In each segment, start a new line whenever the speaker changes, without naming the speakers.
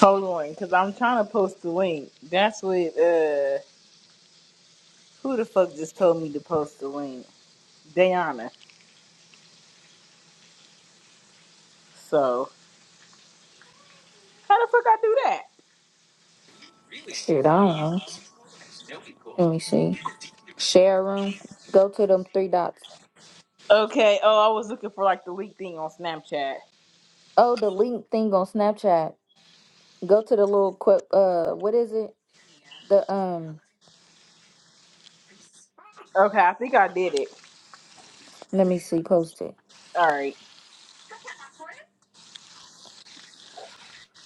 Hold on, because I'm trying to post the link. That's what, uh, who the fuck just told me to post the link? Dayana. So, how the fuck I do that?
Shit, I don't know. Let me see. Share room. Go to them three dots.
Okay, oh, I was looking for like the link thing on Snapchat.
Oh, the link thing on Snapchat. Go to the little quip. Uh, what is it? The um.
Okay, I think I did it.
Let me see. Post it.
Alright.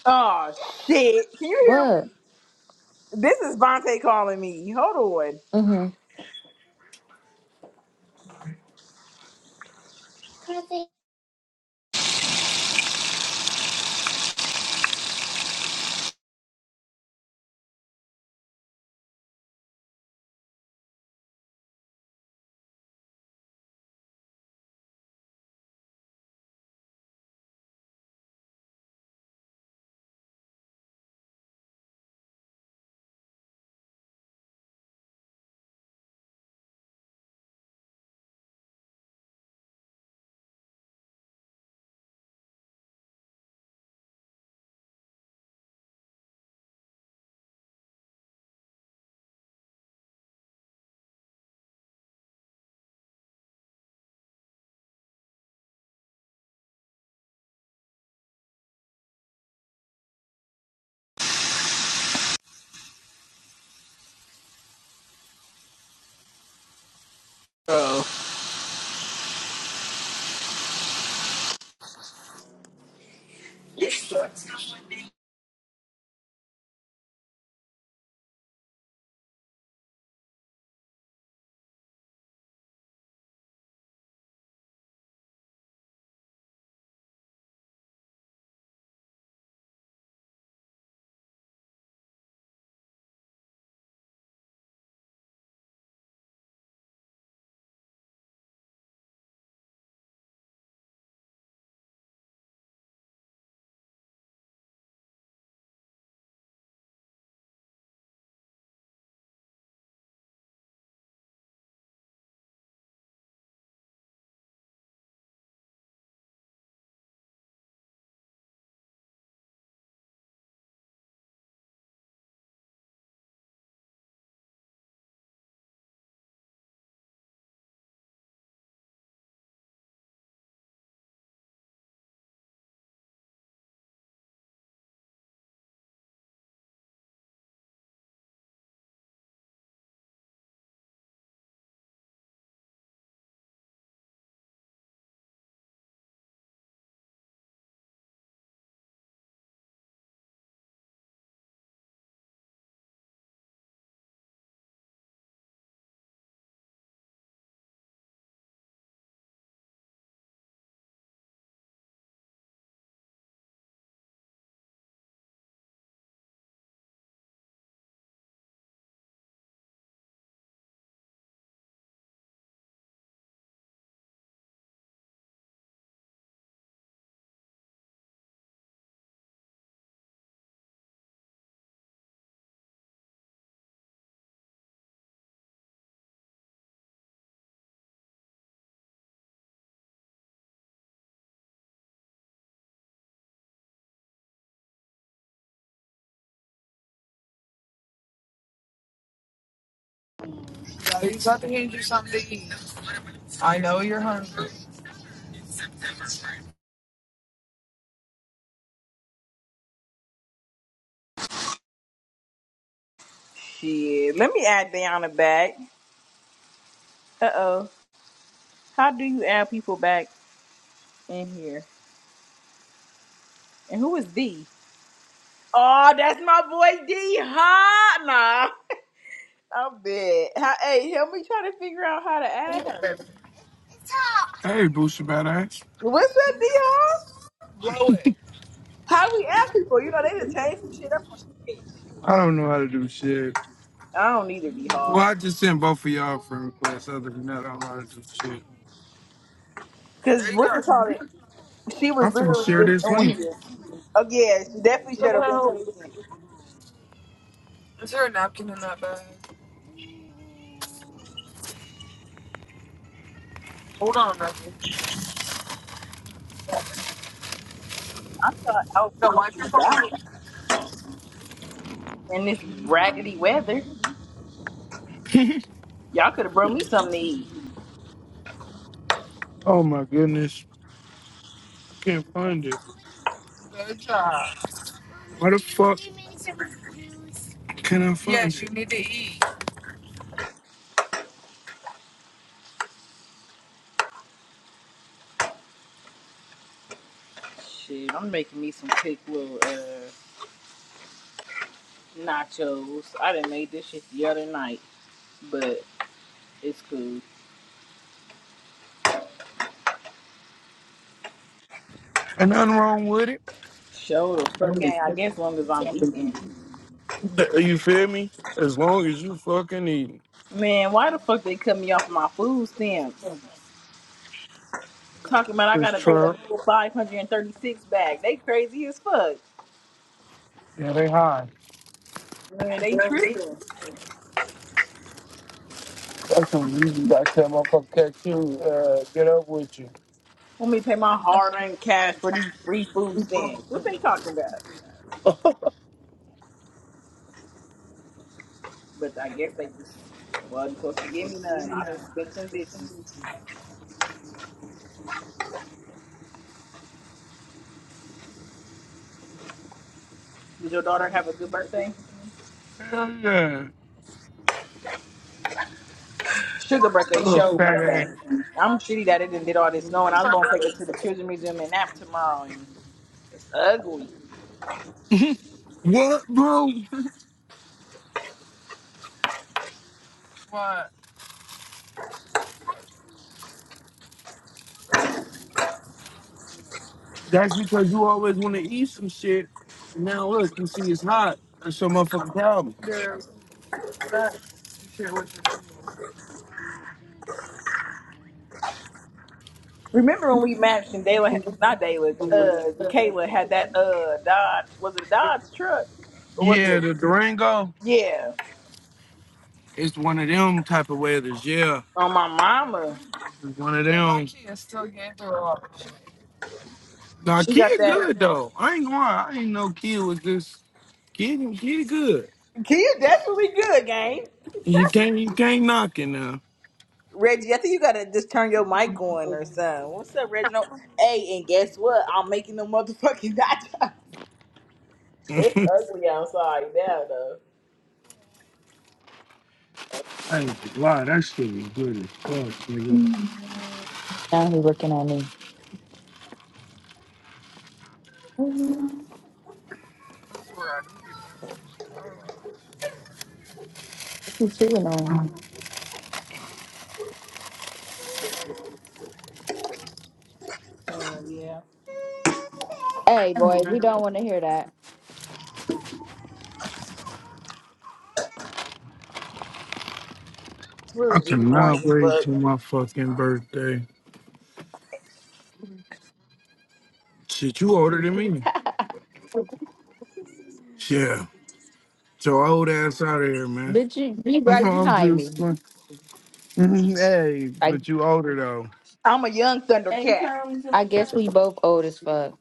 Oh, shit. Can you
What?
hear me? This is Vontae calling me. Hold on.
Mhm.
Oh,
Are you about to hand you something to eat? I know you're hungry.
shit. Let me add Dayana back. Uh oh. How do you add people back in here? And who is D? Oh, that's my boy D. Hot. Nah, I'm dead. How, hey, help me try to figure out how to add her.
Hey, Booster Badass.
What's up, D. Hall? How we add people? You know, they done changed some shit up on this bitch.
I don't know how to do shit.
I don't need her, D.
Well,
Hall.
I just sent both of y'all friend requests. Other than that, I don't know how to do shit.
Because
There you go.
what's the call it? She
I'm
was
finna
literally
share
just
this
on
link.
here. Oh, yeah, she definitely should have linked to weekend.
Is there a napkin in that bag? Hold on, napkin.
I thought I
So
was
wipe your
moving
phone
about
off.
in this raggedy weather. Y'all could have brought me something to eat.
oh my goodness. Can't find it. Good job. Why the fuck can I find Yes, it? Yes, you need to eat.
Shit, I'm making me some quick little uh, nachos. I done made this shit the other night. but it's cool.
Ain't nothing wrong with
Show the fucking, I guess, as long as I'm eating.
it. You feel me? As long as you fucking eating.
Man, why the fuck they cut me off my food stamps? Talking about I
It's
gotta pay the
Trump.
full 536 back. They crazy as fuck.
Yeah.
Man, they
That's
tripping.
what you got that motherfucker catch you, uh, get up with you.
Want me to pay my hard-earned cash for these free food stamps? What they talking about? But I guess they just wasn't supposed to give me none. I didn't spent them bitches. Did your daughter have a good birthday?
Hell yeah.
Sugar birthday
Little
show
fat ass.
Monday. I'm shitty that it didn't did all this snow, and I was gonna take her to the children's museum and nap tomorrow. and. It's ugly.
What, bro? What? That's because you always want to eat some shit. Now look, you see it's hot. That's your motherfucking problem. Yeah, that shit what
Remember when we matched and Dayla, had- not Dayla,
you
uh,
eat.
Kayla had that uh Dodge, was it a Dodge truck or was
Yeah,
it?
the Durango
Yeah,
is one of them type of weathers. Yeah,
on my mama,
it's one of them. My kids still get through. all. Nah,
she got
kid
that.
good though. I ain't gonna lie. I ain't know kid was just kid. Kid good.
You definitely good, gang.
You can't you can't knock it now.
Reggie, I think you gotta just turn your mic on or something. What's up, Reginald? Hey, and guess what? I'm making the motherfucking nachos. It's
I
ugly outside now, though.
ain't gonna lie. That shit was good as fuck, nigga.
Now he looking at me. What you chewing on?
Oh yeah,
Hey, boy, we don't want to hear that.
it's
I
really just boring
cannot
as
wait
fuck.
till my fucking birthday. Shit, you older than me. Yeah. So old ass out of here, man.
Bitch, you be
No,
right
I'm
behind me.
just like, hey,
I.
but you older though.
I'm a young Thundercat.
I guess we both old as fuck,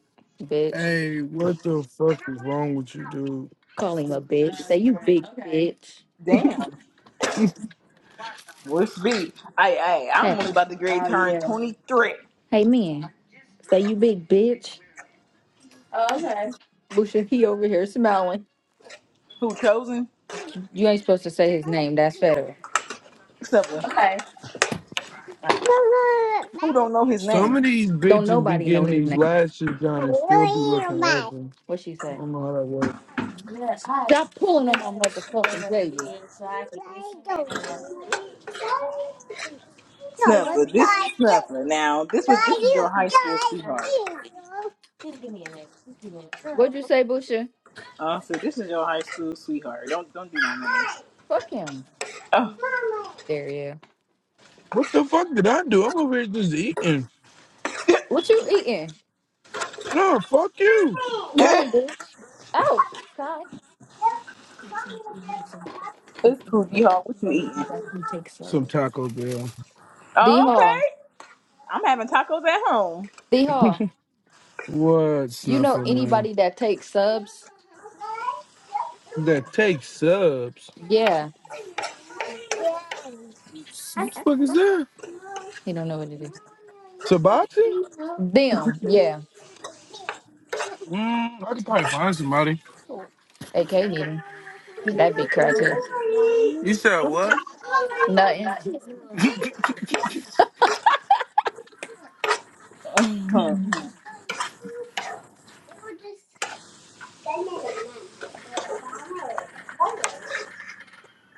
bitch.
Hey, what the fuck is wrong with you, dude?
Call him a bitch. Say you Okay, big okay. bitch.
Damn. Which be, I I I'm
Hey,
only about to grade
Oh,
turn
yeah.
23.
hey man. Say you big bitch. Oh, okay. Busha, he over here smiling.
Who chosen?
You ain't supposed to say his name. That's federal.
Snuffer.
Okay.
Who don't know his
Some
name?
of these
Don't
bitches be
nobody know
getting
his
these
name.
lashes done and still be looking ugly.
What she
I
say?
don't know how that works.
Yeah, I Stop pulling on my motherfucking baby. so
Snuffer. This Snuffer. Now, this was this is your high school sweetheart.
What'd you say, Busha?
Uh, so this is your high school sweetheart. Don't don't do my
Fuck him.
name.
There he is.
What the fuck did I do? I'm over here just eating.
What you eating?
No, fuck you.
Oh.
I ain't bitch. Oh, God.
it's cool, G Hall. What you eating?
Some Taco Bell.
D
Oh,
Hall.
Okay. I'm having tacos at home.
D Hall.
What
You know
snuffer man?
anybody that takes subs?
That takes subs.
Yeah.
What the fuck is that?
He don't know what it is.
Sabati?
Them, yeah.
Mm, I could probably find somebody.
AK need him. That big crackhead.
You said what?
Nothing.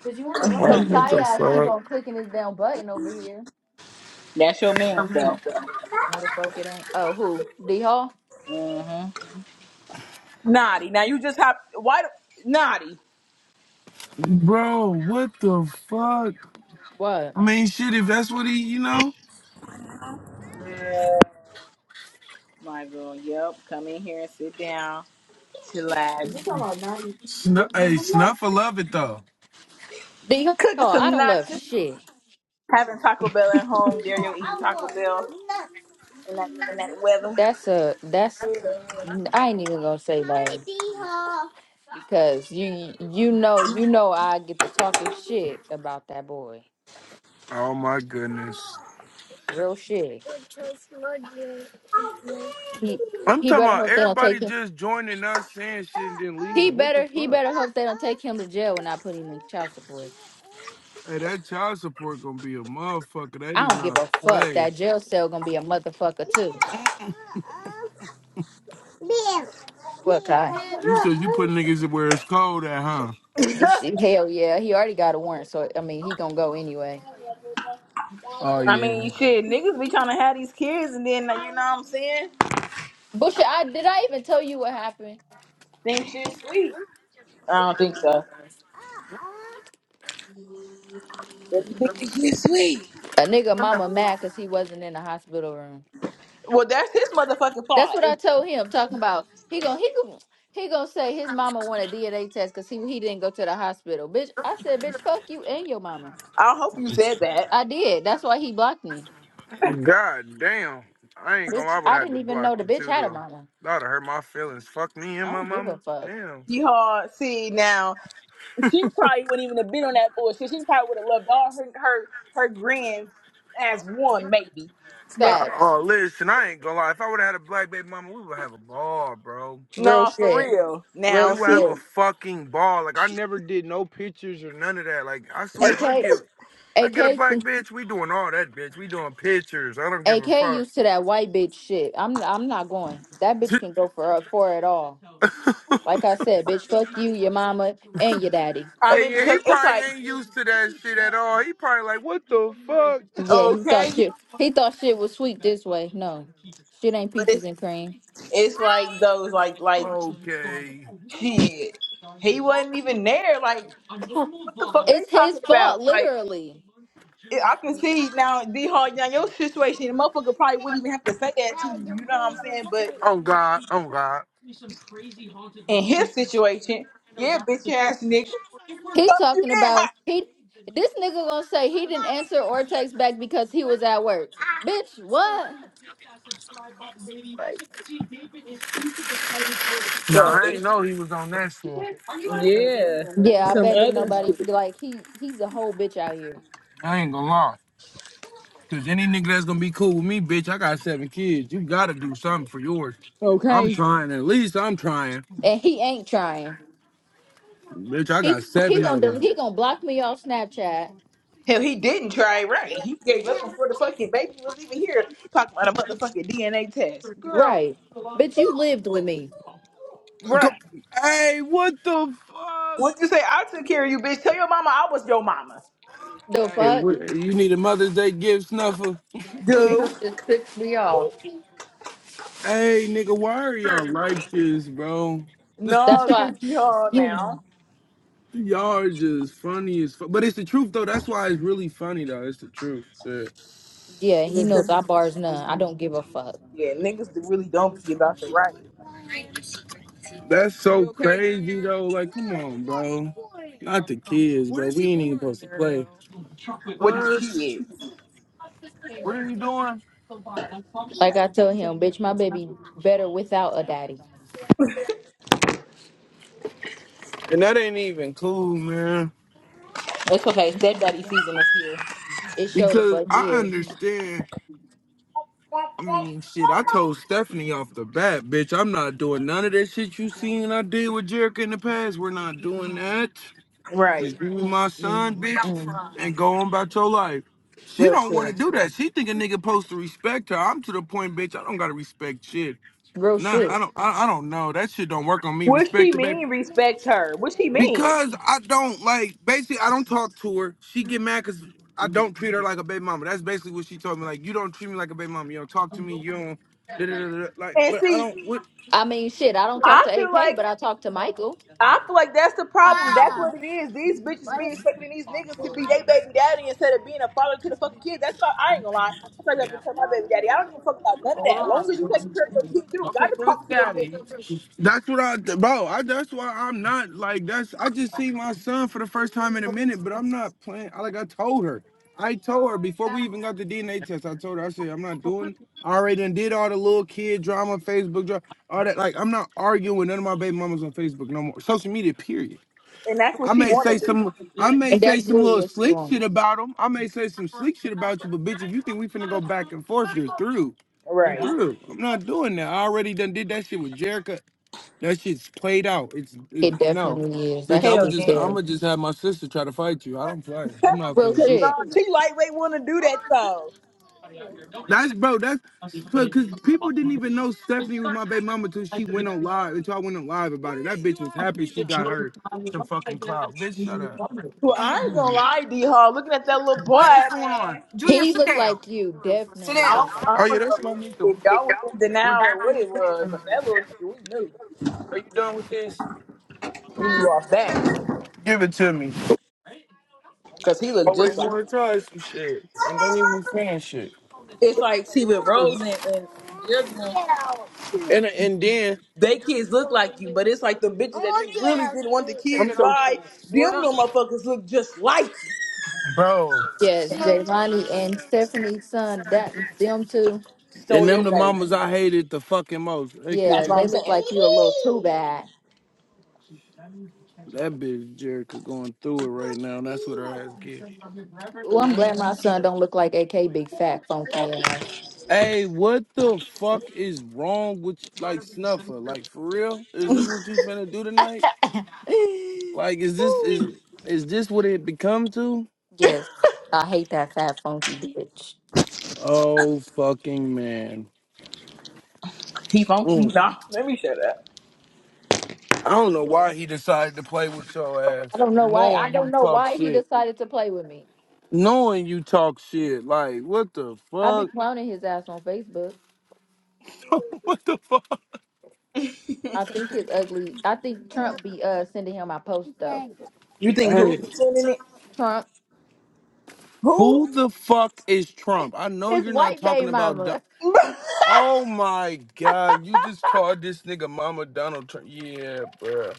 Cause you on the wrong Cause
Alright, what
Ty
the
keep
fuck?
on clicking his damn button over here.
That's your man, though.
No, the fuck it ain't. Oh, who? D Hall?
Mm-hmm. Naughty. Now you just hop. Why? do- Naughty.
Bro, what the fuck?
What?
I mean, shit, if that's what he, you know?
Hallelujah.
My girl. Yep. Come in here and sit down. Chillax.
Is he talking about naughty?
Snu hey, Snuffer love it though.
D Hall?
Cooking
I
some
don't love
nachos.
shit.
Having Taco Bell at home.
D Hall,
Dario eating
I
Taco
love
Bell in that in that
nuts.
weather.
That's a that's. I ain't even gonna say Hi, that D Hall. because you you know you know I get to talking shit about that boy.
Oh my goodness.
Real shit. He
I'm
he
talking
better
about
hope they don't take
everybody
him.
just joining us, saying shit, and then
He
leaving. What the
better he
fuck?
better hope they don't take him to jail and not put him in child support.
Hey, that child support gonna be a motherfucker. They
I
do
don't give
not
a fuck.
play.
That jail cell gonna be a motherfucker too. What kind?
You said you put niggas where it's cold at, huh?
Hell yeah, he already got a warrant, so I mean he gonna go anyway.
Oh
I
yeah.
mean, shit, niggas be trying to have these kids, and then like, you know what I'm saying?
Busha, I did I even tell you what happened?
Think shit sweet. I don't think so. Let me think this shit sweet.
A nigga mama mad cause he wasn't in the hospital room.
Well, that's his motherfucking
That's
fault.
what I told him. Talking about he gonna he gonna he gonna say his mama want a DNA test because he he didn't go to the hospital. Bitch, I said, bitch, fuck you and your mama.
I hope you said that.
I did. That's why he blocked me.
God damn. I ain't gonna.
Bitch,
I would
I
have to
didn't even
block
know the
you
bitch
too,
had a
though.
mama.
That'd hurt my feelings. Fuck me
I
and my
don't give a
mama.
fuck.
Damn.
You hard. See now. She probably wouldn't even have been on that bullshit. She probably would have loved all her her her grins as one, maybe. Never.
Facts.
Oh, listen, I ain't gonna lie. If I would have had a black baby mama, we would have a ball, bro.
Real
No, for
shit.
real.
we
Real
Now
would have
she.
a
shit.
fucking ball. Like I never did no pictures or none of that. Like I swear, if I
AK
get I get a
AK
black bitch, we doing all that bitch. We doing pictures. I don't give a
AK
fuck.
used to that white bitch shit. I'm I'm not going. That bitch can go for for it all. Like I said, bitch, fuck you, your mama, and your daddy.
I
hey,
mean,
yeah, he
because it's
probably
like
ain't used to that shit at all. He probably like, what the fuck?
Yeah, he thought
okay,
shit. He thought shit was sweet this way. No, shit ain't
but it,
peaches and cream.
it's like those like like
Okay.
shit. He wasn't even there. Like what the fuck they
it's his
talking
fault,
about? Like.
literally.
it- I can see now, D Hard, now your situation, the motherfucker probably wouldn't even have to say that to you, you know what I'm saying? But
Oh God. Oh God.
in his situation, yeah, bitch ass nigga,
He
fuck you
talking
in
about
hot.
he. This nigga gonna say he didn't answer or text back because he was at work. Bitch, what?
Right. So
Nah, I ain't know he was on that shit.
yeah,
Yeah, I
some
bet that
other shit.
nobody like he he's a whole bitch out here,
I ain't gonna lie. Cause any nigga that's gonna be cool with me, bitch, I got seven kids. You gotta do something for yours. I'm
Okay.
trying. At least I'm trying.
and he ain't trying.
Bitch, I got
He he
seven
gonna
of them.
del- he gonna block me off Snapchat.
Hell, he didn't try it right. He gave up before the fucking baby was even here talking about a motherfucking DNA test. Girl,
Right, bitch, you lived with me.
Go-
right.
Hey, what the fuck?
What you say? I took care of you, bitch. Tell your mama I was your mama.
The
Hey,
fuck,
what, you need a Mother's Day gift, Snuffer?
he
Dude.
just pissed me off.
Hey, nigga, why are y'all like this, bro?
No,
That's why.
because you hard now.
y'all are just funny as fuck. But it's the truth, though. That's why it's really funny, though. It's the truth. Shit.
Yeah, he
Yeah,
knows I
because,
bars none. I don't give a fuck.
yeah, niggas that really don't be about the right
That's so crazy, though. Like, come on, bro. Not the kids, bro. We ain't even supposed to play.
with the
What?
kids.
What are you doing?
Like I told him, bitch, my baby better without a daddy.
And that ain't even cool, man.
It's okay. Stepdaddy season is here.
It showed the
Because
fuck
I
is.
understand. I mean, shit, I told Stephanie off the bat, bitch, I'm not doing none of that shit you seen I did with Jericho in the past. We're not doing that.
Right.
Just give me my son, bitch,
Mm-mm.
and go on about your life. She
Real
don't want to
shit.
do that. She think a nigga supposed to respect her. I'm to the point, bitch, I don't got to respect shit.
Real
Nah,
shit.
I don't, I, I don't know. That shit don't work on me.
What
Respect
she
the baby.
mean, respect her? What she mean?
Because I don't like basically I don't talk to her. She get mad because I don't treat her like a baby mama. That's basically what she told me. Like you don't treat me like a baby mama. You don't talk to me. You don't da, da, da, da, like.
And
But I
see,
don't. What?
I mean, shit. I don't talk
I
to
feel
AK,
like
but I talk to Michael.
I feel like that's the problem. That's what it is. These bitches be expecting these niggas to be they baby daddy instead of being a father to the fucking kids. That's why I I ain't gonna lie. That's what I got to tell my baby daddy. I don't give a fuck about none of
Hold
that. long as you
on.
take care of your kids, you
Okay,
gotta
where's
talk to them
daddy?
bitches.
That's what I, bro. I, that's why I'm not like that's. I just see my son for the first time in a minute, but I'm not playing. I- Like I told her, I told her before we even got the DNA test. I told her, I said, I'm not doing. I already done did all the little kid drama, Facebook drama, all that. Like I'm not arguing with none of my baby mamas on Facebook no more. Social media, period.
And that's
I
what she
may
wanted
say
to do.
some, I may
And
say
that's
some
really
little
what she
slick shit
wants.
about them. I may say some slick shit about you, but bitch, if you think we finna go back and forth, you're through. You're
Right.
through. I'm not doing that. I already done did that shit with Jerica that shit's played out. It's
It
it, no,
definitely is.
bitch.
That shit
I'ma
Hell
is
yeah.
just
dead.
I'ma just have my sister try to fight you. I don't play. I'm not
Real
finna
Cause
do.
uh,
shit.
she lightweight wanna do that though.
That's bro. That's because people didn't even know Stephanie was my baby mama until she went on live. Until I went on live about it. That bitch was happy she got her some fucking clout. Bitch, shut up.
Well, I ain't
You
gonna
and-
lie, D Hall. Looking at that little boy,
What is going on,
man.
Junior?
He
Sit
looked
down.
like you.
Sit
Definitely
I
down.
don't,
looked like
I
Oh
you.
yeah,
don't know
that's my nigga.
if y'all was in denial or what it was, but that little nigga, we knew.
Are you done with this?
We knew off that.
Give it to me.
Cause he looked just
Always
like
want to try some shit and don't even fan shit.
it's like see with Rose and, and the other one,
And and then
they kids look like you, but it's like the bitches that you really didn't want the
I'm
kids
so
by, them little motherfuckers look just like you.
Bro,
Yes, Jaylani and Stephanie's son. That them two.
and
Stole
them
your
the
face.
mamas I hated the fucking most. They could
Yeah,
That's what
just
they
I'm
look
saying.
like you a little too bad.
that bitch Jerica going through it right now, and that's what her ass get.
Well, I'm glad my son don't look like AK big fat funky ass.
Hey, what the fuck is wrong with you? like Snuffer? Like for real? Is this what you finna do tonight? Like is this is is this what it become to?
yes, I hate that fat funky bitch.
Oh fucking man.
He funky.
Mm.
Nah, let me shut up.
I don't know why he decided to play with your ass,
I don't know why. I
knowing
don't
you
know
talk
why he
shit.
decided to play with me.
Knowing you talk shit, like what the
I be
fuck?
clowning his ass on Facebook.
what the fuck?
I think his ugly. I think Trump be uh sending him my post though.
You think who
Hey,
sending it?
Trump,
Who?
who the fuck is Trump? I know
his
you're not
white
talking
baby
about. Don-
mama.
oh my god, you just called this nigga Mama Donald Trump. Yeah, bruh.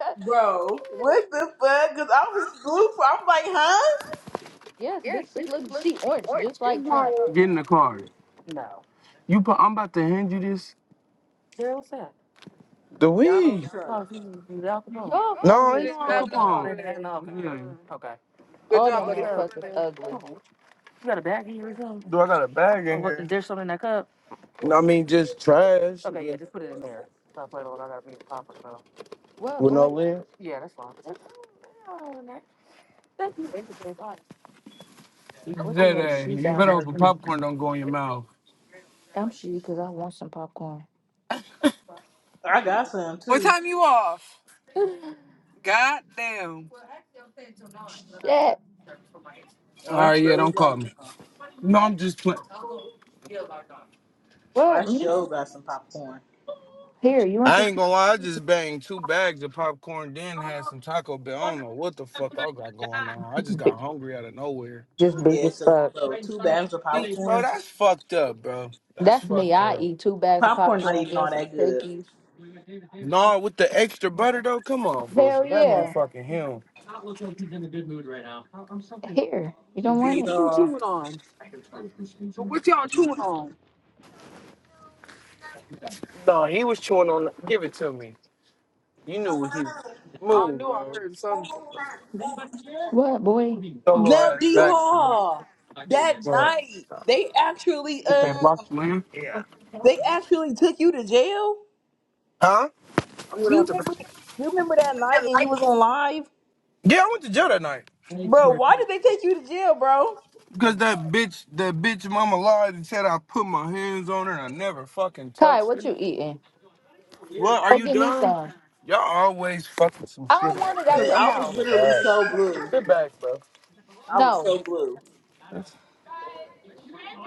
Bro, what the fuck? Cause I was blue. I'm like, huh?
yes,
Yeah,
bitch. She
this
look.
looks
She orange,
orange.
just
Get
like Trump.
in the car. You, put, I'm about to hand you this. The
Donald
weed.
Trump.
Y'all
No,
funny
ain't
as
no Al
fuck, man.
Capone. Yeah. Okay. Good
All
job.
them motherfuckers ugly.
Do I got a bag in What- here? There's something in that cup. No, I mean just trash Okay, yeah, just put it in there.
Well,
with no
boy,
lid.
what the hell?
Zay,
She
you
down
better
there.
hope a
doing?
popcorn don't go in your mouth.
I'm she because I want some popcorn.
I got some
What
too.
time you off? God damn.
Shit.
All
Well, I
right, yeah,
still
don't call
got.
me. No, I'm just playing.
Oh, I
What
sure
man?
got some popcorn.
Here, you want
I
this?
ain't gonna lie, I just banged two bags of popcorn, then had some Taco Bell. I don't know what the fuck I got going on. I just
Bi-
got hungry out of nowhere.
Just big
Yeah,
as
because
fuck.
well, two bags of
See, bro,
popcorn.
that's fucked up, bro. That's
That's me.
fucked
I
up.
eat two bags of
Popcorn not
popcorn,
even all
get some
that good.
cookies.
No, with the extra butter though, come on,
Hell
bullshit. That
yeah.
motherfucking him.
Here, you don't
Hey,
D
want it.
what you
Haw.
chewing on? What y'all chewing on? You knew what he Move, I knew I bro. heard something.
What, boy?
Your little
Now
ass
D
back.
Haw. That
Well,
night they actually
they
um
blocked you in.
they actually took you to jail.
Huh?
You remember you remember that night and you was on live?
Yeah, I went to jail that night.
Bro, why did they take you to jail, bro?
Because that bitch, that bitch mama lied and said I put my hands on her and I never fucking
Kai,
touched
what
her.
you eating?
What? Are
Oh,
you
give me
dumb?
some.
Y'all always fucking some
I
shit
don't want it
like
out
Cause
your
that.
I was
mouth.
Oh,
literally
God.
so blue.
Sit back.
I was
No.
so blue.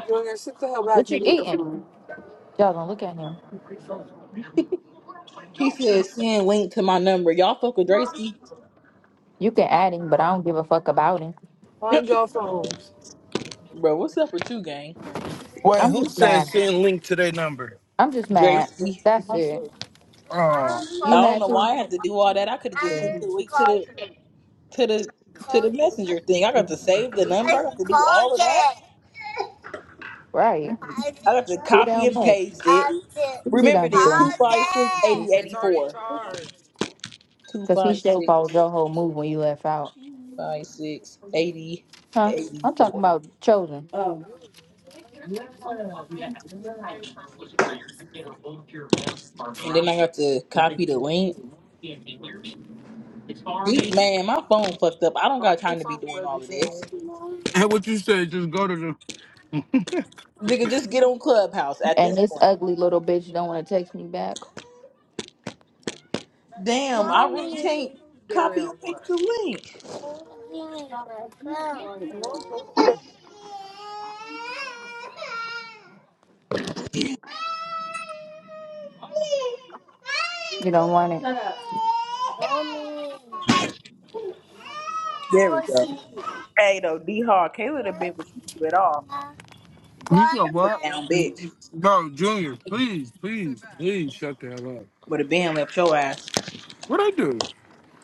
Junior, sit the hell back
What
and
you
get your
eating?
phone.
Y'all don't look at him.
He said send link to my number. Y'all fuck with Drakeski.
You can add him, but I don't give a fuck about him.
Find your phones.
Bro, what's up with you, gang?
Wait,
I'm
who
just
said
mad.
send link to their number?
I'm just mad.
Gracie.
That's it.
Oh.
I
You
don't
mad
know why
too?
I had to do all that. I could have just
Yeah.
sent the link to the to the to the messenger thing. I got to save the number. I got to do all of that.
Right.
I got to
Too
copy
damn
and
much.
paste it.
What you
Remember
done
this:
doing?
two five six eighty
It's
eighty
already
four.
charged.
Two
Because he
five
sure
six
followed your whole move when you left out.
five six eighty
Huh?
eighty
I'm talking
four.
about Chosen.
And then I got to copy the link. Gee, Man, my phone fucked up. I don't
Find
got
your
time to be
phone,
doing
baby.
all of this.
Hey, what you said? Just go to the.
Nigga, just get on Clubhouse at this
And this
point.
ugly little bitch don't want to text me back.
Damn, I really can't copy
Dario,
and
what?
paste the link.
You
You don't want it.
There we go. Hey, though, D Hard, Kayla the bitch, but you do it all.
said
That's a
what?
damn bitch.
Bro, Junior, please, please, please shut the hell up.
Would have been left your ass.
What I do?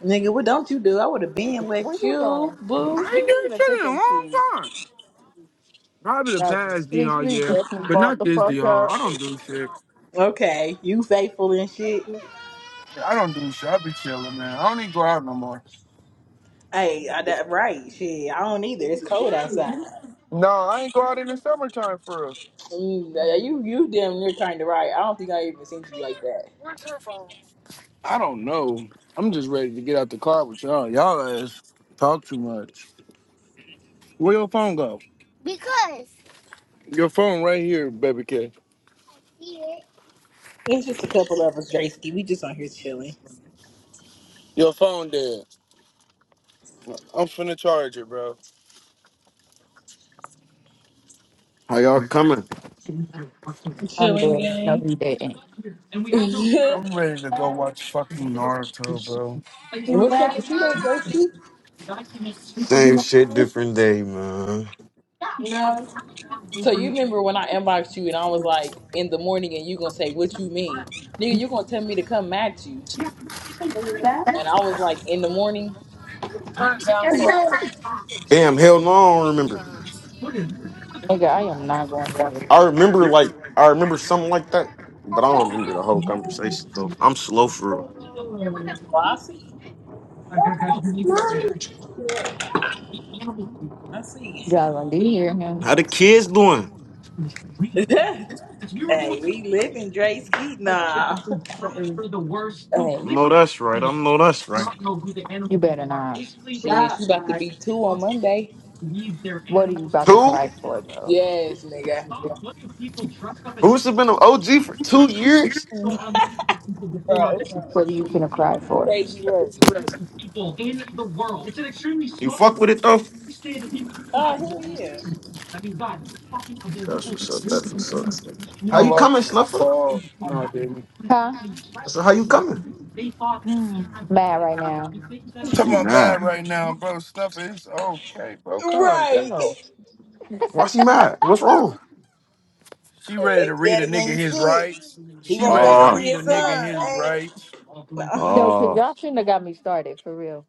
Nigga, what don't you do? I would have been
Where
left
you
you,
going?
boo.
I
You
ain't doing
can't even
shit
fit
in a
them
long
shoes.
time. Probably the
That was
past
his
DR
feet
year,
definitely
but
bought
not
the
this
fuck
DR. I
up.
don't do shit.
Okay, you faithful and shit.
I don't do shit. I be chilling, man. I don't even go out no more.
Hey, I, that, right, shit. I don't either. It's cold outside.
No, I ain't go out in the summertime for real.
Mm, yeah, you you damn near kind of right. I don't think I even seen you like that.
What's her phone? I don't know. I'm just ready to get out the car with y'all. Y'all ass talk too much. Where your phone go? Your phone right here, baby K.
It's just a couple of us, Drayski. We just on here chilling.
Your phone dead. I'm finna charge it, bro.
How y'all coming?
I'm
Chilling
dead. No,
gang.
he didn't.
I'm ready to go watch fucking Naruto, bro.
What's up with you though, Drayski?
Same shit, different day, man.
No.
So you remember when I inboxed you and I was like in the morning and you gonna say what you mean, nigga? You gonna tell me to come at you? And I was like in the morning.
Turns down, for-
Damn, hell no, I don't remember.
Nigga, I am not going to.
I remember like I remember something like that, but I don't
Well,
remember the whole conversation. So I'm slow for real.
I see. I see,
Jalen, do you hear him?
How the kids doing?
gang. hey, we living Dre Skeet now.
I
hey,
know that's right. I know that's right.
You better not.
shit, you about to be two on Monday?
What are you about to
Two?
cry for, bro?
Yes, nigga,
Boots have been an OG for two years.
bro.
What are you finna cry for?
Crazy work.
her.
You fuck with it though.
Oh hell yeah.
That's what's up. That's what's up.
I
How you
lost
coming,
my
Snuffer?
ball. No, I didn't.
Huh?
I said, how you coming?
Hmm. Mad right now.
Talking
You
about
mad?
mad right now, bro. Stuff it. it's okay, bro. Calm
Right.
down.
Why she mad? What's wrong?
She ready
Baby
to read a
daddy
nigga
ain't
his
shit.
rights.
He
She
won't
ready
come
to
and see
Ah,
read
his
a nigga
son.
his
Ain't.
rights.
no.
No, because
ah,
y'all shouldn't have got me started, for real.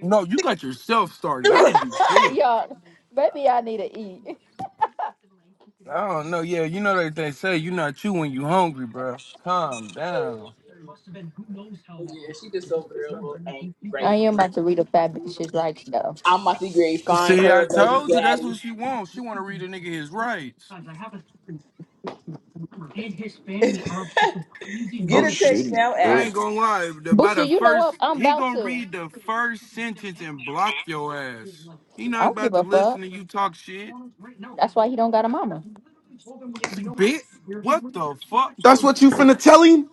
No, you got yourself started. I didn't do shit.
y'all, maybe I need to eat.
I don't know. Yeah, you know that they say you not you when you hungry, bro. Calm down.
yeah, she just over there a little angry
I
right
am
now.
about to read a fat bitch's rights though.
I'm about to grade find
See, I
her a baby
told you that's
daddy.
what she wants. She want to read a nigga his rights.
Get
I'm
a text
shitty.
now
bro.
I
app,
ain't gonna lie. The, by the
Busha, you know
first,
what? I'm
he
about
gonna
to.
read the first sentence and block your ass. He
I
not
don't give
about to
a fuck.
listen to you talk shit.
That's why he don't got a mama. Where
Bitch, what the fuck?
That's what you finna tell him.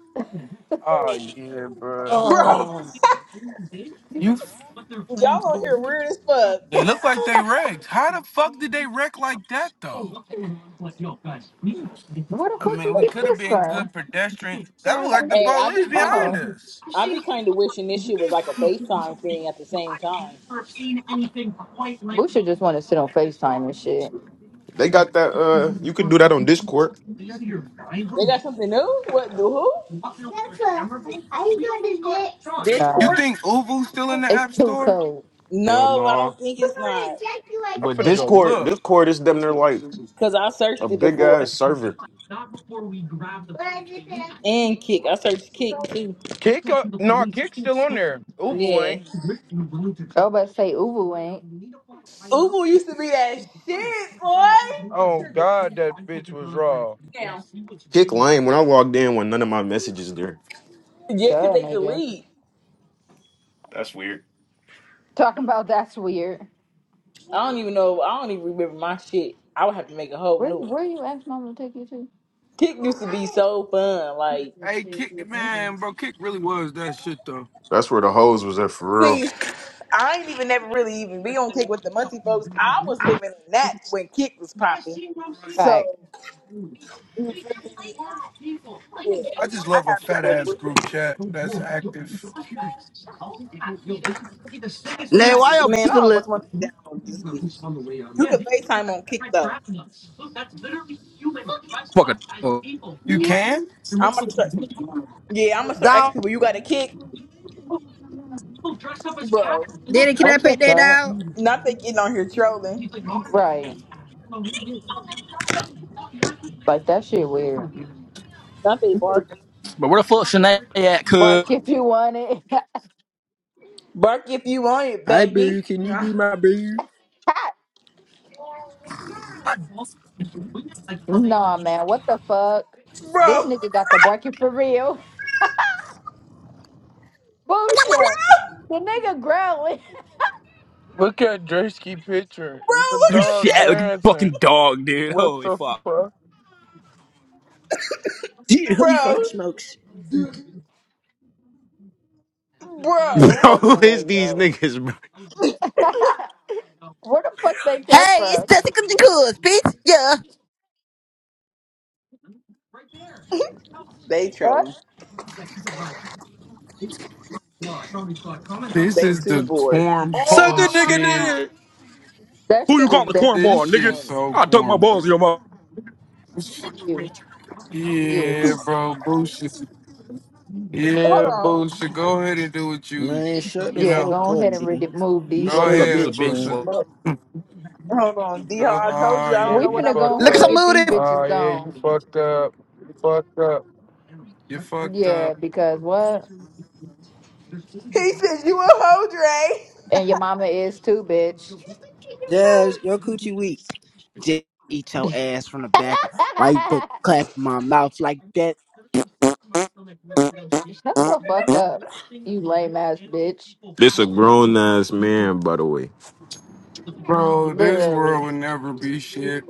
Oh yeah, bro.
bro.
Oh,
You, f-
Y'all on here weird as fuck.
they look like they wrecked. How the fuck did they wreck like that though?
the
I
fuck
mean,
you
we
get
could have
this
been
from?
good pedestrian. That look like the
Hey, I
police
be kind
behind
of,
us.
I be kind of wishing this shit was like a FaceTime thing at the
Oh,
same time.
Busha just want to sit on Facetime and shit.
they got that. Uh, you could do that on Discord.
They got something new. What the who?
No.
You
Discord?
think Uvu's still in the
It's
app
too
store?
cold.
Hell
No, I don't
no.
think it's not.
I'm
But
finna go
Discord,
look.
Discord is them. They're like
Cause I
a
searched it
big
before
ass server.
and Kick. I searched
I
Kick too.
Kick up? No, Kick's still on there. Uvu
Yeah.
ain't.
was about to say Uvu ain't.
Uber used to be that shit, boy.
Oh
Sugar, get
God, that
down.
bitch was raw.
Kick lame. When I logged in, when none of my messages there.
Yeah,
Duh,
cause they
nigga.
delete.
That's weird.
Talking about that's weird.
I don't even know. I don't even remember my shit. I would have to make a whole
Where
new one.
where you ask mama to take you to?
Kick used to be so fun. Like,
Hey, Kick, man, bro, Kick really was that shit, though.
That's where the hoes was at for
see, I ain't even never really even be on Kick with the Muncie folks. I was living in that when Kick was popping.
Right.
So you feel me? Yeah,
I just
I
love a
have it
fat
with
ass
Boo.
group chat that's active.
You
Nay, why
used
your
Man,
pussy
I almost
look
want to download this bitch. You can FaceTime on Kick though.
Fucking dog.
You can?
I'm about to start. Yeah, I'm gonna start
down?
asking people. You got a Kick? Bro,
Daddy, can
What
I pet
the
that
fuck?
dog?
not they getting on here trolling.
Right. Like that shit weird.
Not they barking.
But where the fuck Shanae at, cuz?
Bark if you want it.
Bark if you want it,
Hi, boo.
baby.
Can you
Nah.
be my boo?
nah, man. What the fuck? This
Bro,
nigga got the barking for real. Boosha. The nigga growling.
Look at Drewski picture.
bro,
It's the
look
She
dog
at Jay.
act like a
dancing.
fucking dog, dude.
What
Holy
the
fuck.
fuck?
Dude, holy
Bro,
fucking smokes.
real.
No
bro.
Who
fucking
is
way,
these
bro.
niggas, bro?
Where the fuck they
Hey,
come
it's
from?
Tessie Coochie Cuz bitch. Yeah.
They
What?
trolling.
This
They
is the
too bored.
Suck
cornball
a
shit.
nigga dick.
That
Who you
shit is
calling a
This
cornball,
definitely
nigga?
shit
corny.
so
I dunk my balls in
cornball.
your mouth.
You. You.
Yeah, bro, Boo should, yeah,
Hold
Boo should go ahead and do what you,
Man, shut
you
the
Yeah,
know,
fuck
go
up,
ahead and
dude.
remove
You
these
go
little
Up,
straight
you's
ahead,
a
bitches.
bitch,
Boo
bitch,
man.
boy.
on. Hold on.
You
D
go,
I told
oh
you I don't
yeah,
We
know
you
what
finna
I'm
go
fucked
Look
ahead
at
and
doing.
some
up.
get these
mood.
Oh
bitches
yeah, you
gone.
fucked up. You fucked up. You fucked up.
Yeah, because what?
He said you a hoe, Dre.
And your mama is too, bitch.
Jazz, your coochie weak. Just eat your ass from the back. Why you put clap in my mouth like that?
Shut the fuck up, you lame ass bitch.
This a grown ass man, by the way.
Bro, this world
Literally.
would never be shit.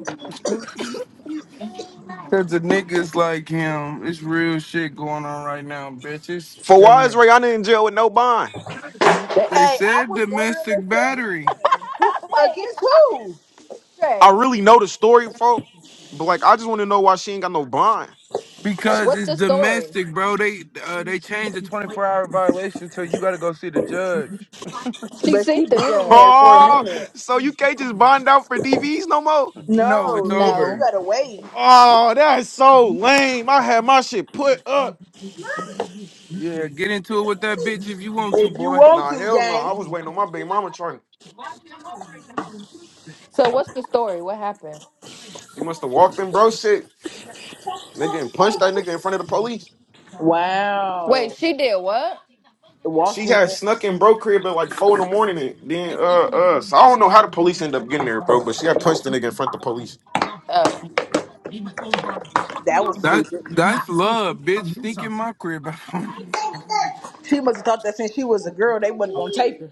Cause the niggas like him, it's real shit going on right now, bitches.
For why is Rihanna in jail with no bond?
They
Hey, I
said
was wondering the
domestic battery
same thing. Who
Wait,
against who?
I
Dre,
really know the story, folks. But like, I just want to know why she ain't got no bond.
because
what's
it's
the story?
domestic, bro. They uh, they changed the 24-hour violation till you gotta go see the judge.
She
But
seen
she
the
been in there
judge.
for a
Oh,
minute.
so you can't just bond out for DVs no more?
No, it's
No, nigga, you
over.
No.
gotta wait.
Oh, that's so lame. I had my shit put up.
Yeah, get into it with that bitch if you want to,
If you
boy.
want
Nah,
to,
hell no.
gang.
I was waiting on my big mama trying.
So what's the story? What happened?
She must have walked in bro shit. Nigga and punched that nigga in front of the police.
Wow.
Wait, she did what?
Walked
She
in.
had snuck in bro crib at like four in the morning and then uh uh so I don't know how the police end up getting there, bro, but she had punched the nigga in front of the police.
Oh.
That was
That
stupid.
that's love, bitch. Sneak in my crib. I don't know.
She must have thought that since she was a girl, they wasn't gonna take her.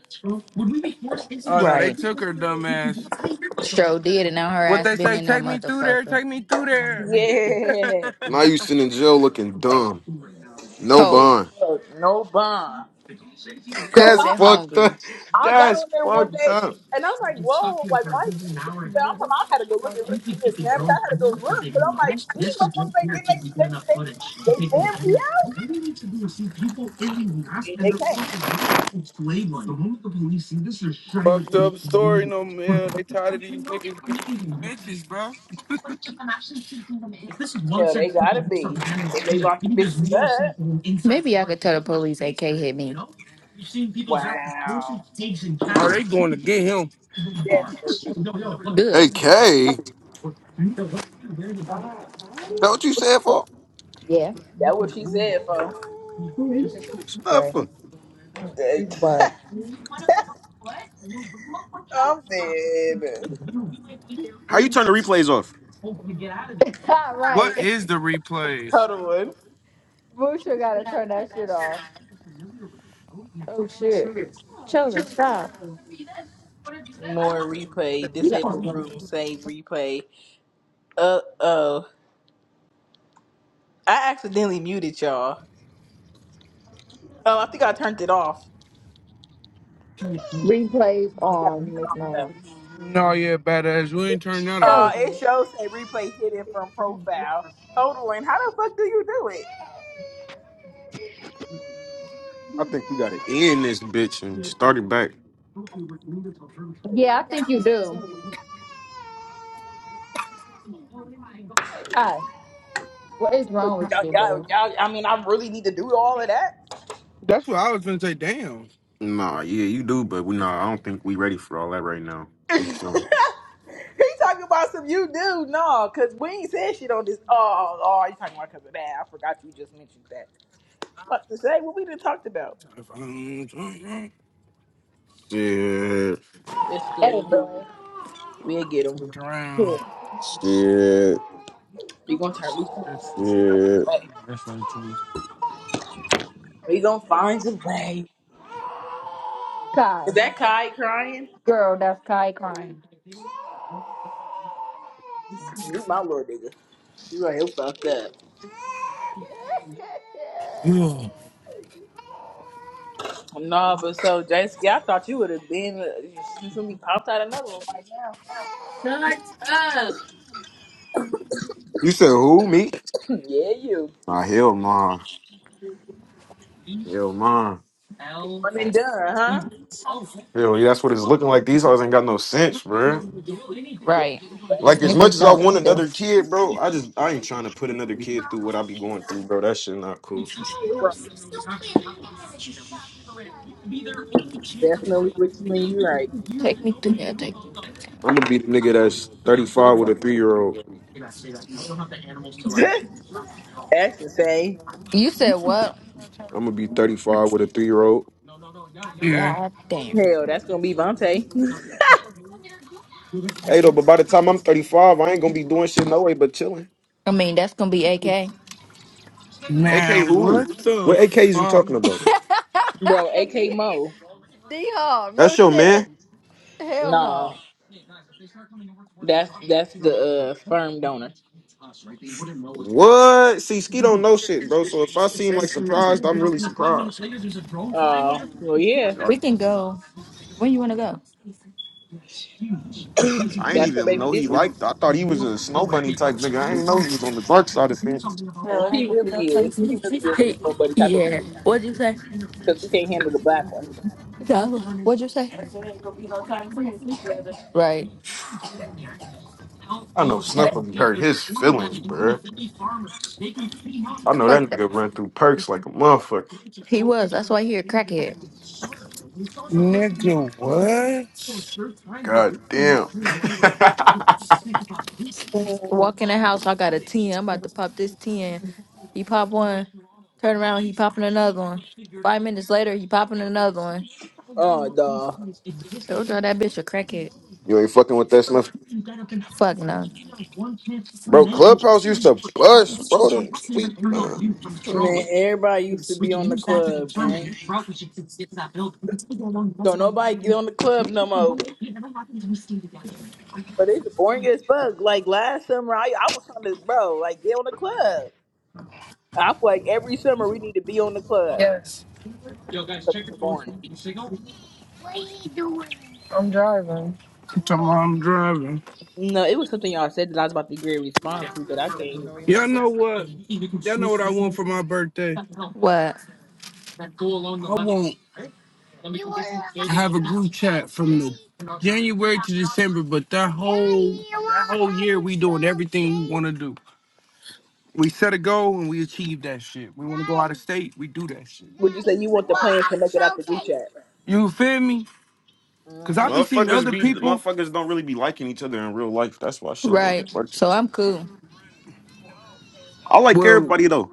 Oh no, they
Right.
took her dumb ass.
Sure did, and now her
What
ass
they
been
say?
in that
Take me through there. Take me
motherfucker.
through there.
Yeah.
Now you sitting in jail looking dumb. No
Cold.
bond.
Look, No bond.
That's
Cold and
fucked
hungry.
up.
I got
That's
on there one
fucked
day
up.
and I'm like, whoa, like why is she there? I'm talking, I had to go look at what it is. Snapchat. I had to go look because I'm like, these motherfuckers they getting they they they, they family out. Yeah, They can't.
Fucked up story, no man. They tired of these niggas, being these bitches, bro.
Hell, they gotta be. If they lock the bitches up.
Maybe I could tell the police AK hit me.
Wow.
Are they going to get him?
Definitely.
Hey
Good.
K, that what you said for?
Yeah,
That what she
Ooh,
said, folks.
sure.
Snuffer.
But
I'm dead.
How you turn the replays off?
all
What
right.
is the replays?
Total one.
Busha gotta turn that shit off. Oh shit. Chosen, stop.
More replay.
Yeah.
Disable room. Save replay. Uh oh. I accidentally muted y'all. Oh, I think I turned it off.
Replays
I think I turned
on
it
Miss
off
Ma'am.
though.
No, yeah, badass. We ain't turn that
Uh,
on.
Chosen.
it shows a replay hidden from profile. Hold on. How the fuck do you do it?
I think you gotta end this bitch and start it back.
Yeah, I think you do. Hi. What is
But
wrong with
y'all,
you,
y'all,
bro?
y'all, I mean, I really need to do all of that.
That's what I was gonna say. Damn.
Nah, yeah, you do, but we nah, I don't think we ready for all that right now. We chilling.
he talking about some you do no, cause we ain't said shit on this. Oh, oh, you talking about cause of that? I forgot you just mentioned that. What to say? What we done talked about?
Shit,
It's
That is
cool.
bro.
We'll get them.
Look
Good.
around.
shit,
We gonna turn. We gonna find
shit.
a way. We gonna find a way.
Kai.
Is that Kai crying?
Girl, that's Kai crying.
You my little nigga. You right here fucked up.
Ugh.
No, but so Jasky, I thought you would have been. You should be popped out another one right now.
You said who? Me?
yeah, you
Nah, hell nah, hell nah.
one and done, huh?
Hell, yeah, that's what it's looking like. These hoes ain't got no sense, bro.
Yeah,
Right.
I don't blame
These
Like as much
niggas
as I
don't
want
either.
another kid, bro, I just I ain't trying to put another kid through what I be going through, bro. That shit not cool.
you. Right, definitely with you and you right.
Take me through there. Take me through there.
I'm gonna be the nigga that's 35 with a three year old.
that's the same.
You said what?
I'm gonna be 35 with a three year old.
Yeah.
Yeah, damn.
Hell, that's gonna be Vontae,
Hey though, but by the time I'm 35, I ain't gonna be doing shit no way but chilling.
I mean, that's going to be AK.
AK
Man,
who?
what the
What AKs you
fuck,
talking about?
bro. AK
D
Mo.
D Hall, real
That's your
shit.
man.
Hell
Nah.
no.
That's that's the uh, sperm donor.
What? See, Ski don't know shit, bro. So if I seem like surprised, I'm really surprised.
Uh, well, yeah,
I,
We can go. When you wanna go?
I ain't
that's her
even
baby
know he
Dizzy,
liked. I thought he was a snow bunny type nigga. I ain't know he was on the dark side of things.
and she really is. She really is a
Hey,
sperm buddy type of
yeah. What'd you say?
because she can't handle the black one.
Dollar. What'd you say? Right.
I know Snuffer be hurt his feelings, bro. I know
Fuck
that
that.
nigga run through perks like a motherfucker.
He was. That's why he a crackhead.
nigga? What?
God damn.
Walk in the house, I got a 10. I'm about to pop this 10. He pop one. Turn around, he popping another one. Five minutes later, he popping another one.
Oh, dog.
Told y'all that bitch a crackhead.
you ain't fucking with that Snuffer.
Fuck no.
Bro, Clubhouse used to bust, bro. Them sweet, uh,
Man, everybody used to be on the club, gang. So nobody get on the club no more. But it's boring as fuck. Like last summer, I, I was trying to, bro, like get on the club. I feel like every summer we need to be on the club
Yes.
because it's boring.
I'm driving. I'm talking about I'm driving.
No, it was something y'all said that I was about to agree and respond to, but I can't even
Y'all
remember.
know what? Y'all know what I want for my birthday?
What?
I want to have a group chat from the January to December, but that whole that whole year we doing everything we want to do. We set a goal and we achieve that shit. We want to go out of state, we do that shit.
Would you say you want the plans to make it out the group chat?
You feel me? Cause I
hmm
be seeing
Motherfuckers
other
be
people.
motherfuckers don't really be liking each other in real life. That's why shit don't
Right.
work.
So I'm cool.
I like
Well,
everybody though.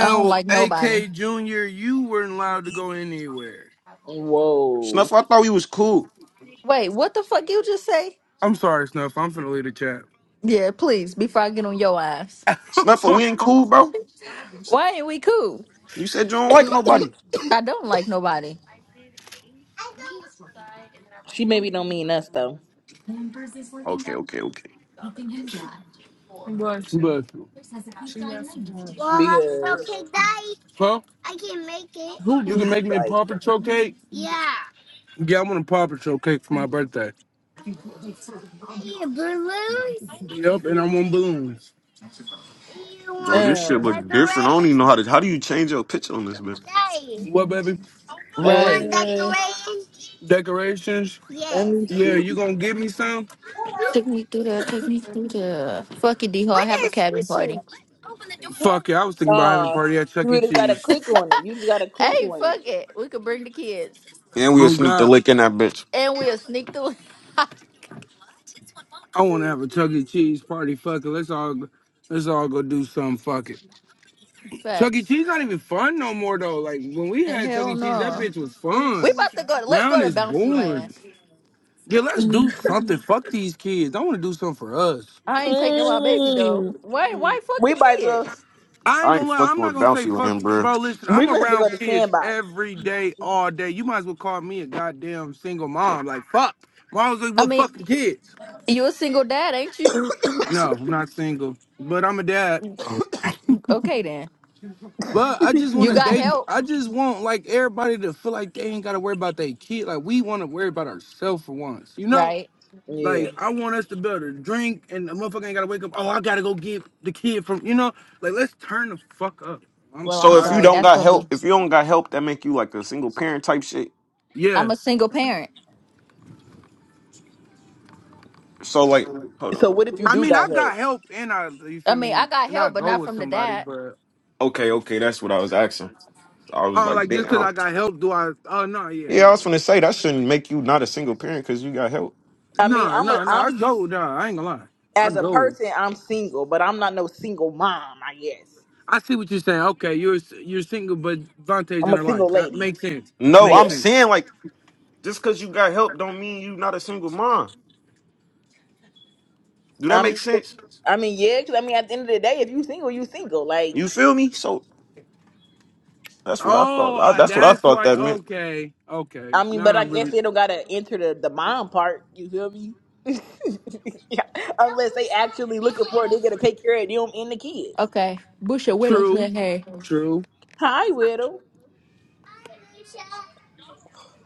I don't like nobody.
AK Junior, you weren't allowed to go anywhere.
Whoa.
Snuff, I thought we was cool.
Wait, what the fuck you just say?
I'm sorry, Snuff. I'm finna leave the chat.
Yeah, please, before I get on your ass.
Snuffer, we ain't cool, bro.
Why ain't we cool?
You said you don't like nobody.
I don't like nobody.
She maybe don't mean us though,
Okay, okay, okay.
Bless you. Bless you. She left the room.
because
Huh?
who
You
do
can
she
make me a
like?
Paw Patrol cake? Yeah, I want a Paw Patrol cake for my birthday. Yep, and I want balloons.
Bro, this shit
Um,
look different. I don't even know how to. How do you change your picture on this bitch?
What, baby?
Right.
uh,
Decorations?
let me
Yeah,
see.
you gonna give me some?
Take me through there. Take me through there. Fuck it, D Ho. I have a cabin party.
Fuck it, I was thinking about having a
Oh,
party at Chuck E.
you just gotta
Cheese.
click on it. You just gotta click
hey,
on it.
fuck it. We could bring the kids.
And we'll
Oh
sneak the
God,
lick in that bitch.
And we'll sneak through.
I want to have a Chuck E. Cheese party. Fuck it, let's all let's all go do something. Fuck it. Chuck E.
Facts.
Cheese not even fun no more though. Like when we
And
had Chuck
hell
E. Cheese, that
no.
bitch was
We
fun.
about to go let's
Now
go to
it's
bouncy
boring.
land.
Yeah, let's do something. Fuck these kids. I want to do something for us.
I ain't taking my baby though.
Mm.
Why why fuck
We
the
might as well.
kids?
I ain't
I ain't
gonna lie. I'm
fucking
not
with
gonna say
Bouncy
fuck
Land,
the kid,
bro.
bro. Listen,
We
I'm
gonna have to go
around
to
kids
sandbox.
every day, all day. You might as well call me a goddamn single mom. Like fuck. Why was like,
I
with
mean,
fucking kids?
you a single dad, ain't you?
No, I'm not single, but I'm a dad.
Okay then.
But I just want
You
to
got
date.
help.
I just want like everybody to feel like they ain't gotta worry about their kid. Like we want to worry about ourselves for once, you know.
Right.
Yeah.
Like I want us to be able to drink, and the motherfucker ain't gotta wake up. Oh, I gotta go get the kid from you know. Like let's turn the fuck up. I'm
Well, I'm
So if
tired
you
of
sorry.
this.
don't
That's
got
gonna
help,
be
if you don't got help, that make you like a single parent type shit.
Yeah,
I'm a single parent.
So like, hold
So
on.
what if you
I
do
mean I
got help?
got help, and I you
I
feel
mean,
me,
I got
and I
help, but
go
not
with
from the
somebody,
dad.
but
Okay, okay, that's what I was asking. So, I was
oh,
like,
like just cause
damn.
I got help, do I? Oh no, yeah,
Yeah, I
no,
was gonna say that shouldn't make you not a single parent because you got help.
I mean,
no,
I'm a,
no, no. I
I'm
go, no, I ain't gonna lie, I
as a
go.
person, I'm single, but I'm not no single mom. I guess
I see what you're saying. Okay, you're you're single, but Vontae's
I'm
in
a
her life.
single
That
lady.
makes sense.
No,
Makes
I'm
Yeah.
saying
sense.
like just because you got help don't mean you not a single mom. Do
I
that make
mean,
sense?
I mean, yeah, because I mean, at the end of the day, if you single, you single. Like,
You feel me? So that's what I
Oh,
thought. I,
I-
that's what I
that's
thought
why.
that meant,
Okay, okay.
I mean, but
Now I
I guess
really
they don't gotta enter the the mom part. You feel me? yeah, unless they actually looking for it, they got to take care of them and the kids.
Okay. Busha Whittles
true,
in here.
true.
Hi, widow.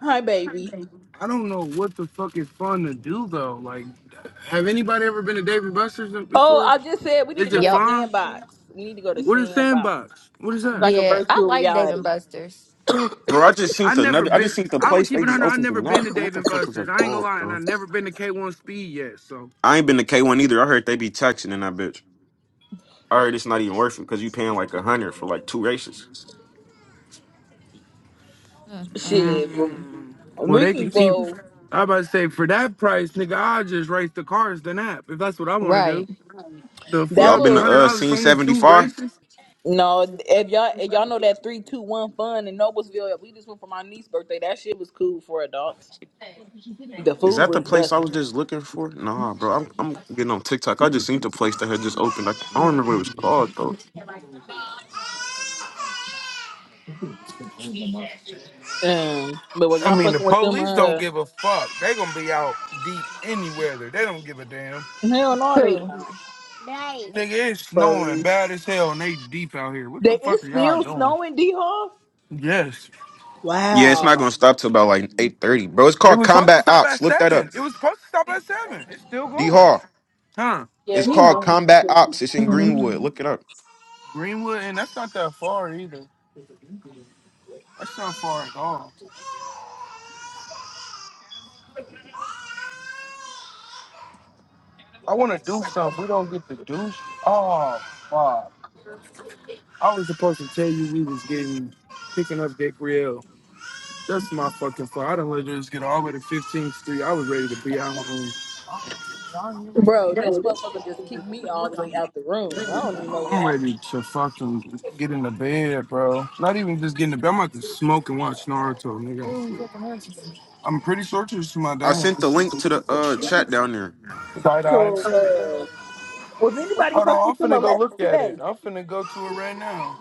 Hi, baby.
I don't know what the fuck is fun to do though. Like, have anybody ever been to Dave and Buster's
Oh,
before?
I just said we need
Is
to go
it
to
Yep.
fun?
Sandbox. We need to go to
What is
Sandbox,
Sandbox? What is that?
like a
Yeah. I
virtual
like Dave and
reality.
Buster's.
bro. I just seen
I
the
never
another. I
been.
just seen the
I'm gonna
place
keep
they
it
just
one hundred. I
opened the
never
night.
been to
What
Dave
the
and
fuck was
Buster's.
that
I ain't gonna
called,
lie, and I
bro?
never been to K1 Speed yet. So,
I ain't been to K one either. I heard they be taxing in that bitch. I heard it's not even worth it because you paying like a hundred for like two races.
Mm-mm.
Shit, well,
Mm. well,
we
they
can
can keep.
go.
I about to say for that price, nigga, I just race the cars than app if that's what I want to
Right.
do. The
That
Y'all
fuck,
been
one
to
little
hundred
uh
dollars for
scene
only
seventy
two
five?
races?
No, if y'all if y'all know that three two one fun in Noblesville, we just went for my niece's birthday. That shit was cool for adults. The
Is
food
that the
was
place I was
busting.
just looking for? Nah, bro. I'm, I'm getting on TikTok. I just seen the place that had just opened. I, I don't remember what it was called though.
Um, but was
I
y'all
mean, the
fucking with them?
police don't
Uh,
give a fuck. They gonna be out deep anywhere. There, they don't give a damn.
hell no, they
True.
don't.
Right. Nigga, it's snowing
Bro,
bad as hell, and they deep out here. What the
they
fuck
it's
are y'all
still
doing?
snowing, D Hall.
Yes,
Yeah, it's not
Wow,
gonna stop till about like eight thirty, bro. It's
it
called
was supposed to
Combat
stop
Ops.
at
Look that up.
seven. It was supposed to stop at seven. It's still
D
going,
Hall.
huh?
Yeah,
It's
he
called
hungry.
Combat Ops. It's in Greenwood. Look it up.
Greenwood, and that's not that far either. That's not far at all. I want to do something. We don't get to do. shit. oh, fuck. I was supposed to tell you we was getting picking up Dick That's my fucking fault. I done let this get all the way to 15th Street. I was ready to be out. home.
bro, this motherfucker just kicked me all the way out the room. I don't even know what
I'm ready
happened.
to fucking get in the bed, bro. Not even just get in the bed. I'm about to smoke and watch Naruto, nigga. I'm pretty sure it's to my
I
dad.
sent the link to the uh chat down there.
Side eyes.
So,
Hold
uh, was anybody
on,
fucking
I'm
with them
finna go look
elevens
at
today?
it. I'm finna go to it right now.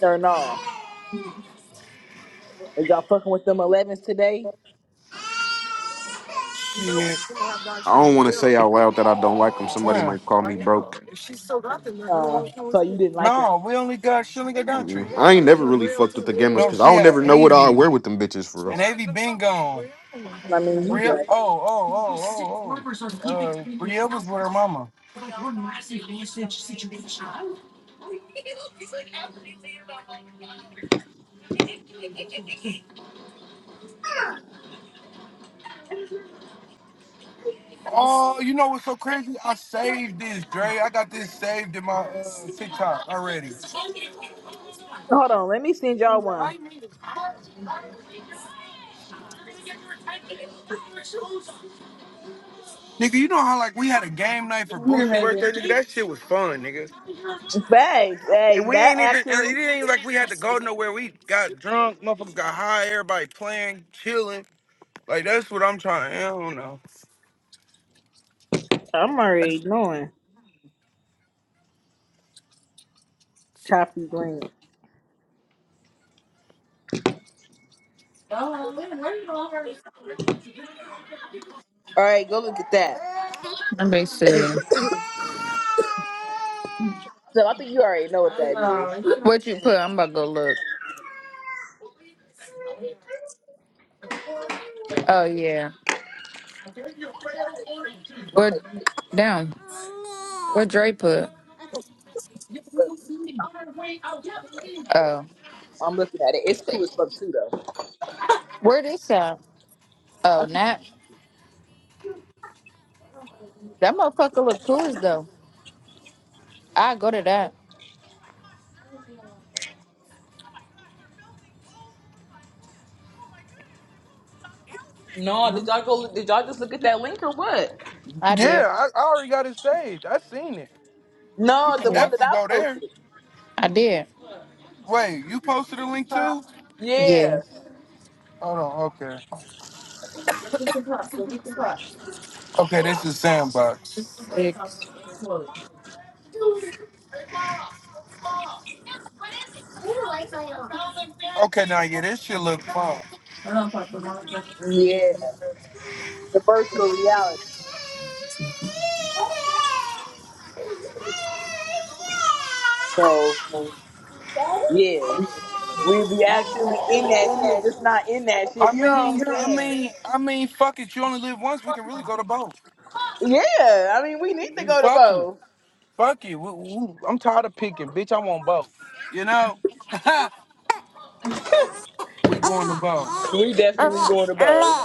Or no? Is y'all fucking with them elevens today?
Shit.
I don't want to say out loud that I don't like them. Somebody
Where?
might call me
Right now.
broke.
If she's still got them, they're gonna
Uh,
want to come with
so you
you.
didn't like her.
No, we only got, she only got Daughtry.
Mm-mm.
I
I ain't
thought she
never
had
really
Braille
fucked with the
too.
gamblers
No,
because I
she
don't
had
never know what I
AV.
wear with them bitches for real.
And they be been gone.
I mean, you
Bria,
right.
oh, oh, oh, oh, oh. Uh, Bria was with her mama. Oh, you know what's so crazy? I saved this, Dre. I got this saved in my uh, TikTok already.
Hold on, let me send y'all one.
Nigga, you know how like we had a game night for
Come here,
Booster
baby.
birthday, nigga? That shit was fun, nigga.
Thanks. Hey,
And we
that
ain't even, and
actually,
it ain't like we had to go nowhere. We got drunk, motherfuckers got high, everybody playing, chilling. Like, that's what I'm trying. I don't know.
I'm
I
already
just-
knowing. Copy link.
Oh, where you going?
All right, go look at that.
Let me see.
So I think you already know what that is.
What you put? I'm about to go look. Oh, yeah. Where
Okay.
down? Where Dre put? Oh,
I'm looking at it. It's cool as fuck too, though.
where this at? Oh, Nat. That motherfucker look cool as though. I go to that.
No, did y'all go? Did y'all just look at that link or what?
I
yeah,
did.
I, I already got it saved. I seen it. You
No,
can
the
Yeah.
one that
definitely
I
go there.
posted.
I did.
Wait, you posted a link too?
Yeah,
Yeah.
Hold on. Okay. Okay, this is Sandbox.
Six.
Okay, now yeah, this shit look fun.
yeah, the virtual reality. So yeah, We be actually in that shit, just not in that
I
shit. You know what
mean,
I'm
yeah, I
saying?
mean, I mean, fuck it. You only live once. We can really go to both.
Yeah, I mean, we need to go to
fuck you.
both.
Fuck you. We- we- I'm tired of picking, bitch. I want both. You know, we going to both.
We definitely going to both.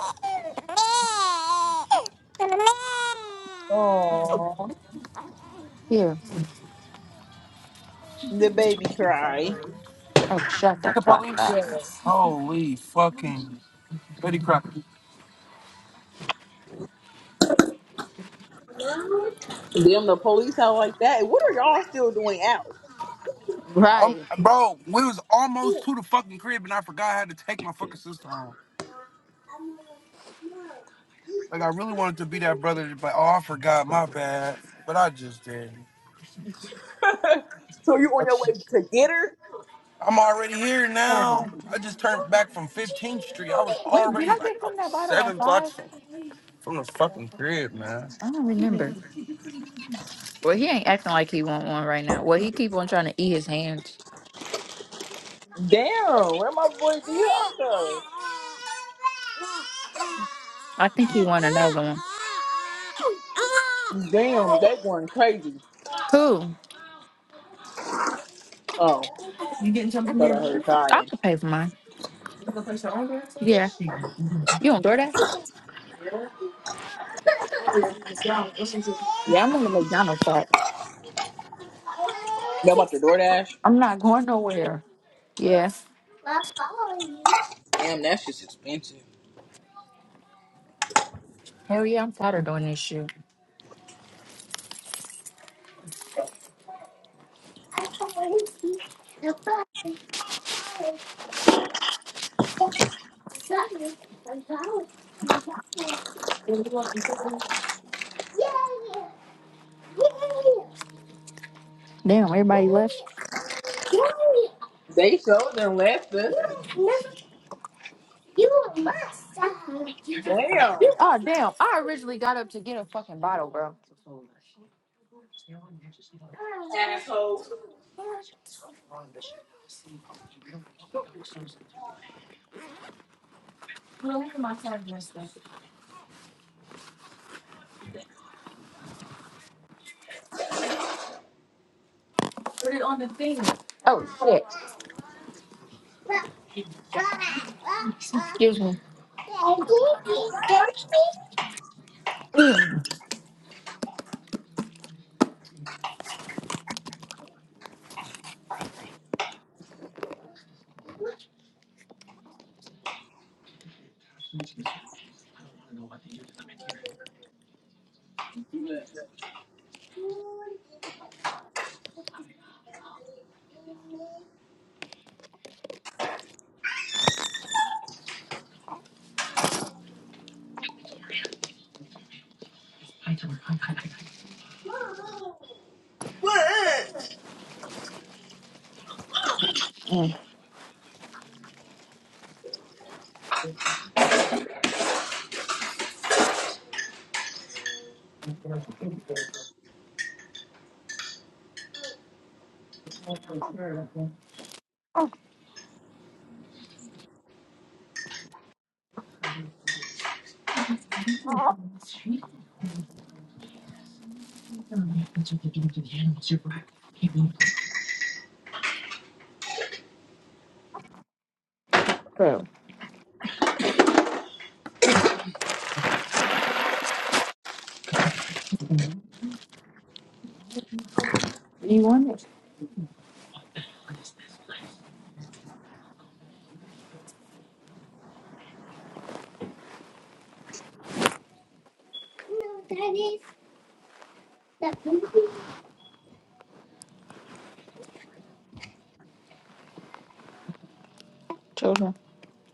Aww,
Here.
the baby cry.
Oh, shut
Is it
the
the
fuck up.
police? Holy fucking Betty Crocker.
Damn, the police out like that. What are y'all still doing out?
Um,
Right.
bro, we was almost to the fucking crib, and I forgot I had to take my fucking sister home. Like I really wanted to be that brother, but oh, I forgot. My bad. But I just didn't.
so you
I
on your
just-
way to get her?
I'm already here
Seven.
now. I just turned back from 15th Street. I was
When did
already
I
like
get
I was
from that bottle at
seven blocks
five?
from, from the fucking crib, man.
I don't remember. Well, he ain't acting like he want one right now. Well, he keep on trying to eat his hands.
Damn, where my boy Dion
I think he want another one.
Damn, they going crazy.
Who?
Oh, thought I heard
I
crying.
can pay for mine. Yeah. You on DoorDash? Yeah, I'm on the McDonald's part.
Y'all about the DoorDash?
I'm not going nowhere. Yeah.
Damn, that's just expensive.
Hell yeah, I'm tired of doing this shit. Damn, everybody left.
They showed them left us. Damn.
Oh damn! I originally got up to get a fucking bottle, bro. Oh shit. Excuse me.
What?
Mm. Bro, do you want it? Children,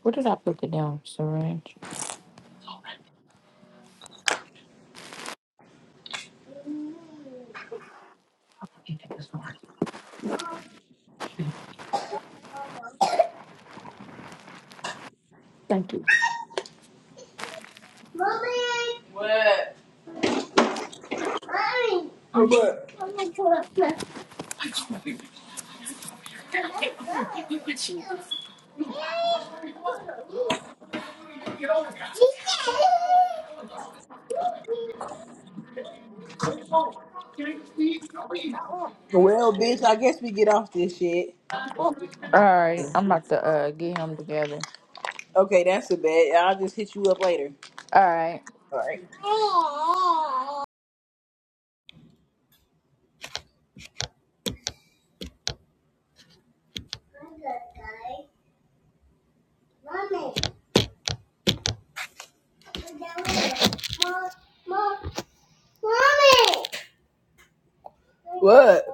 where did I put the damn syringe? Thank you.
What? What? Well, bitch, I guess we get off this shit.
All right, I'm about to uh, get him together.
Okay, that's a bet. I'll just hit you up later.
All right.
All right. What?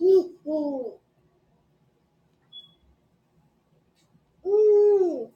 Ooh, ooh, ooh.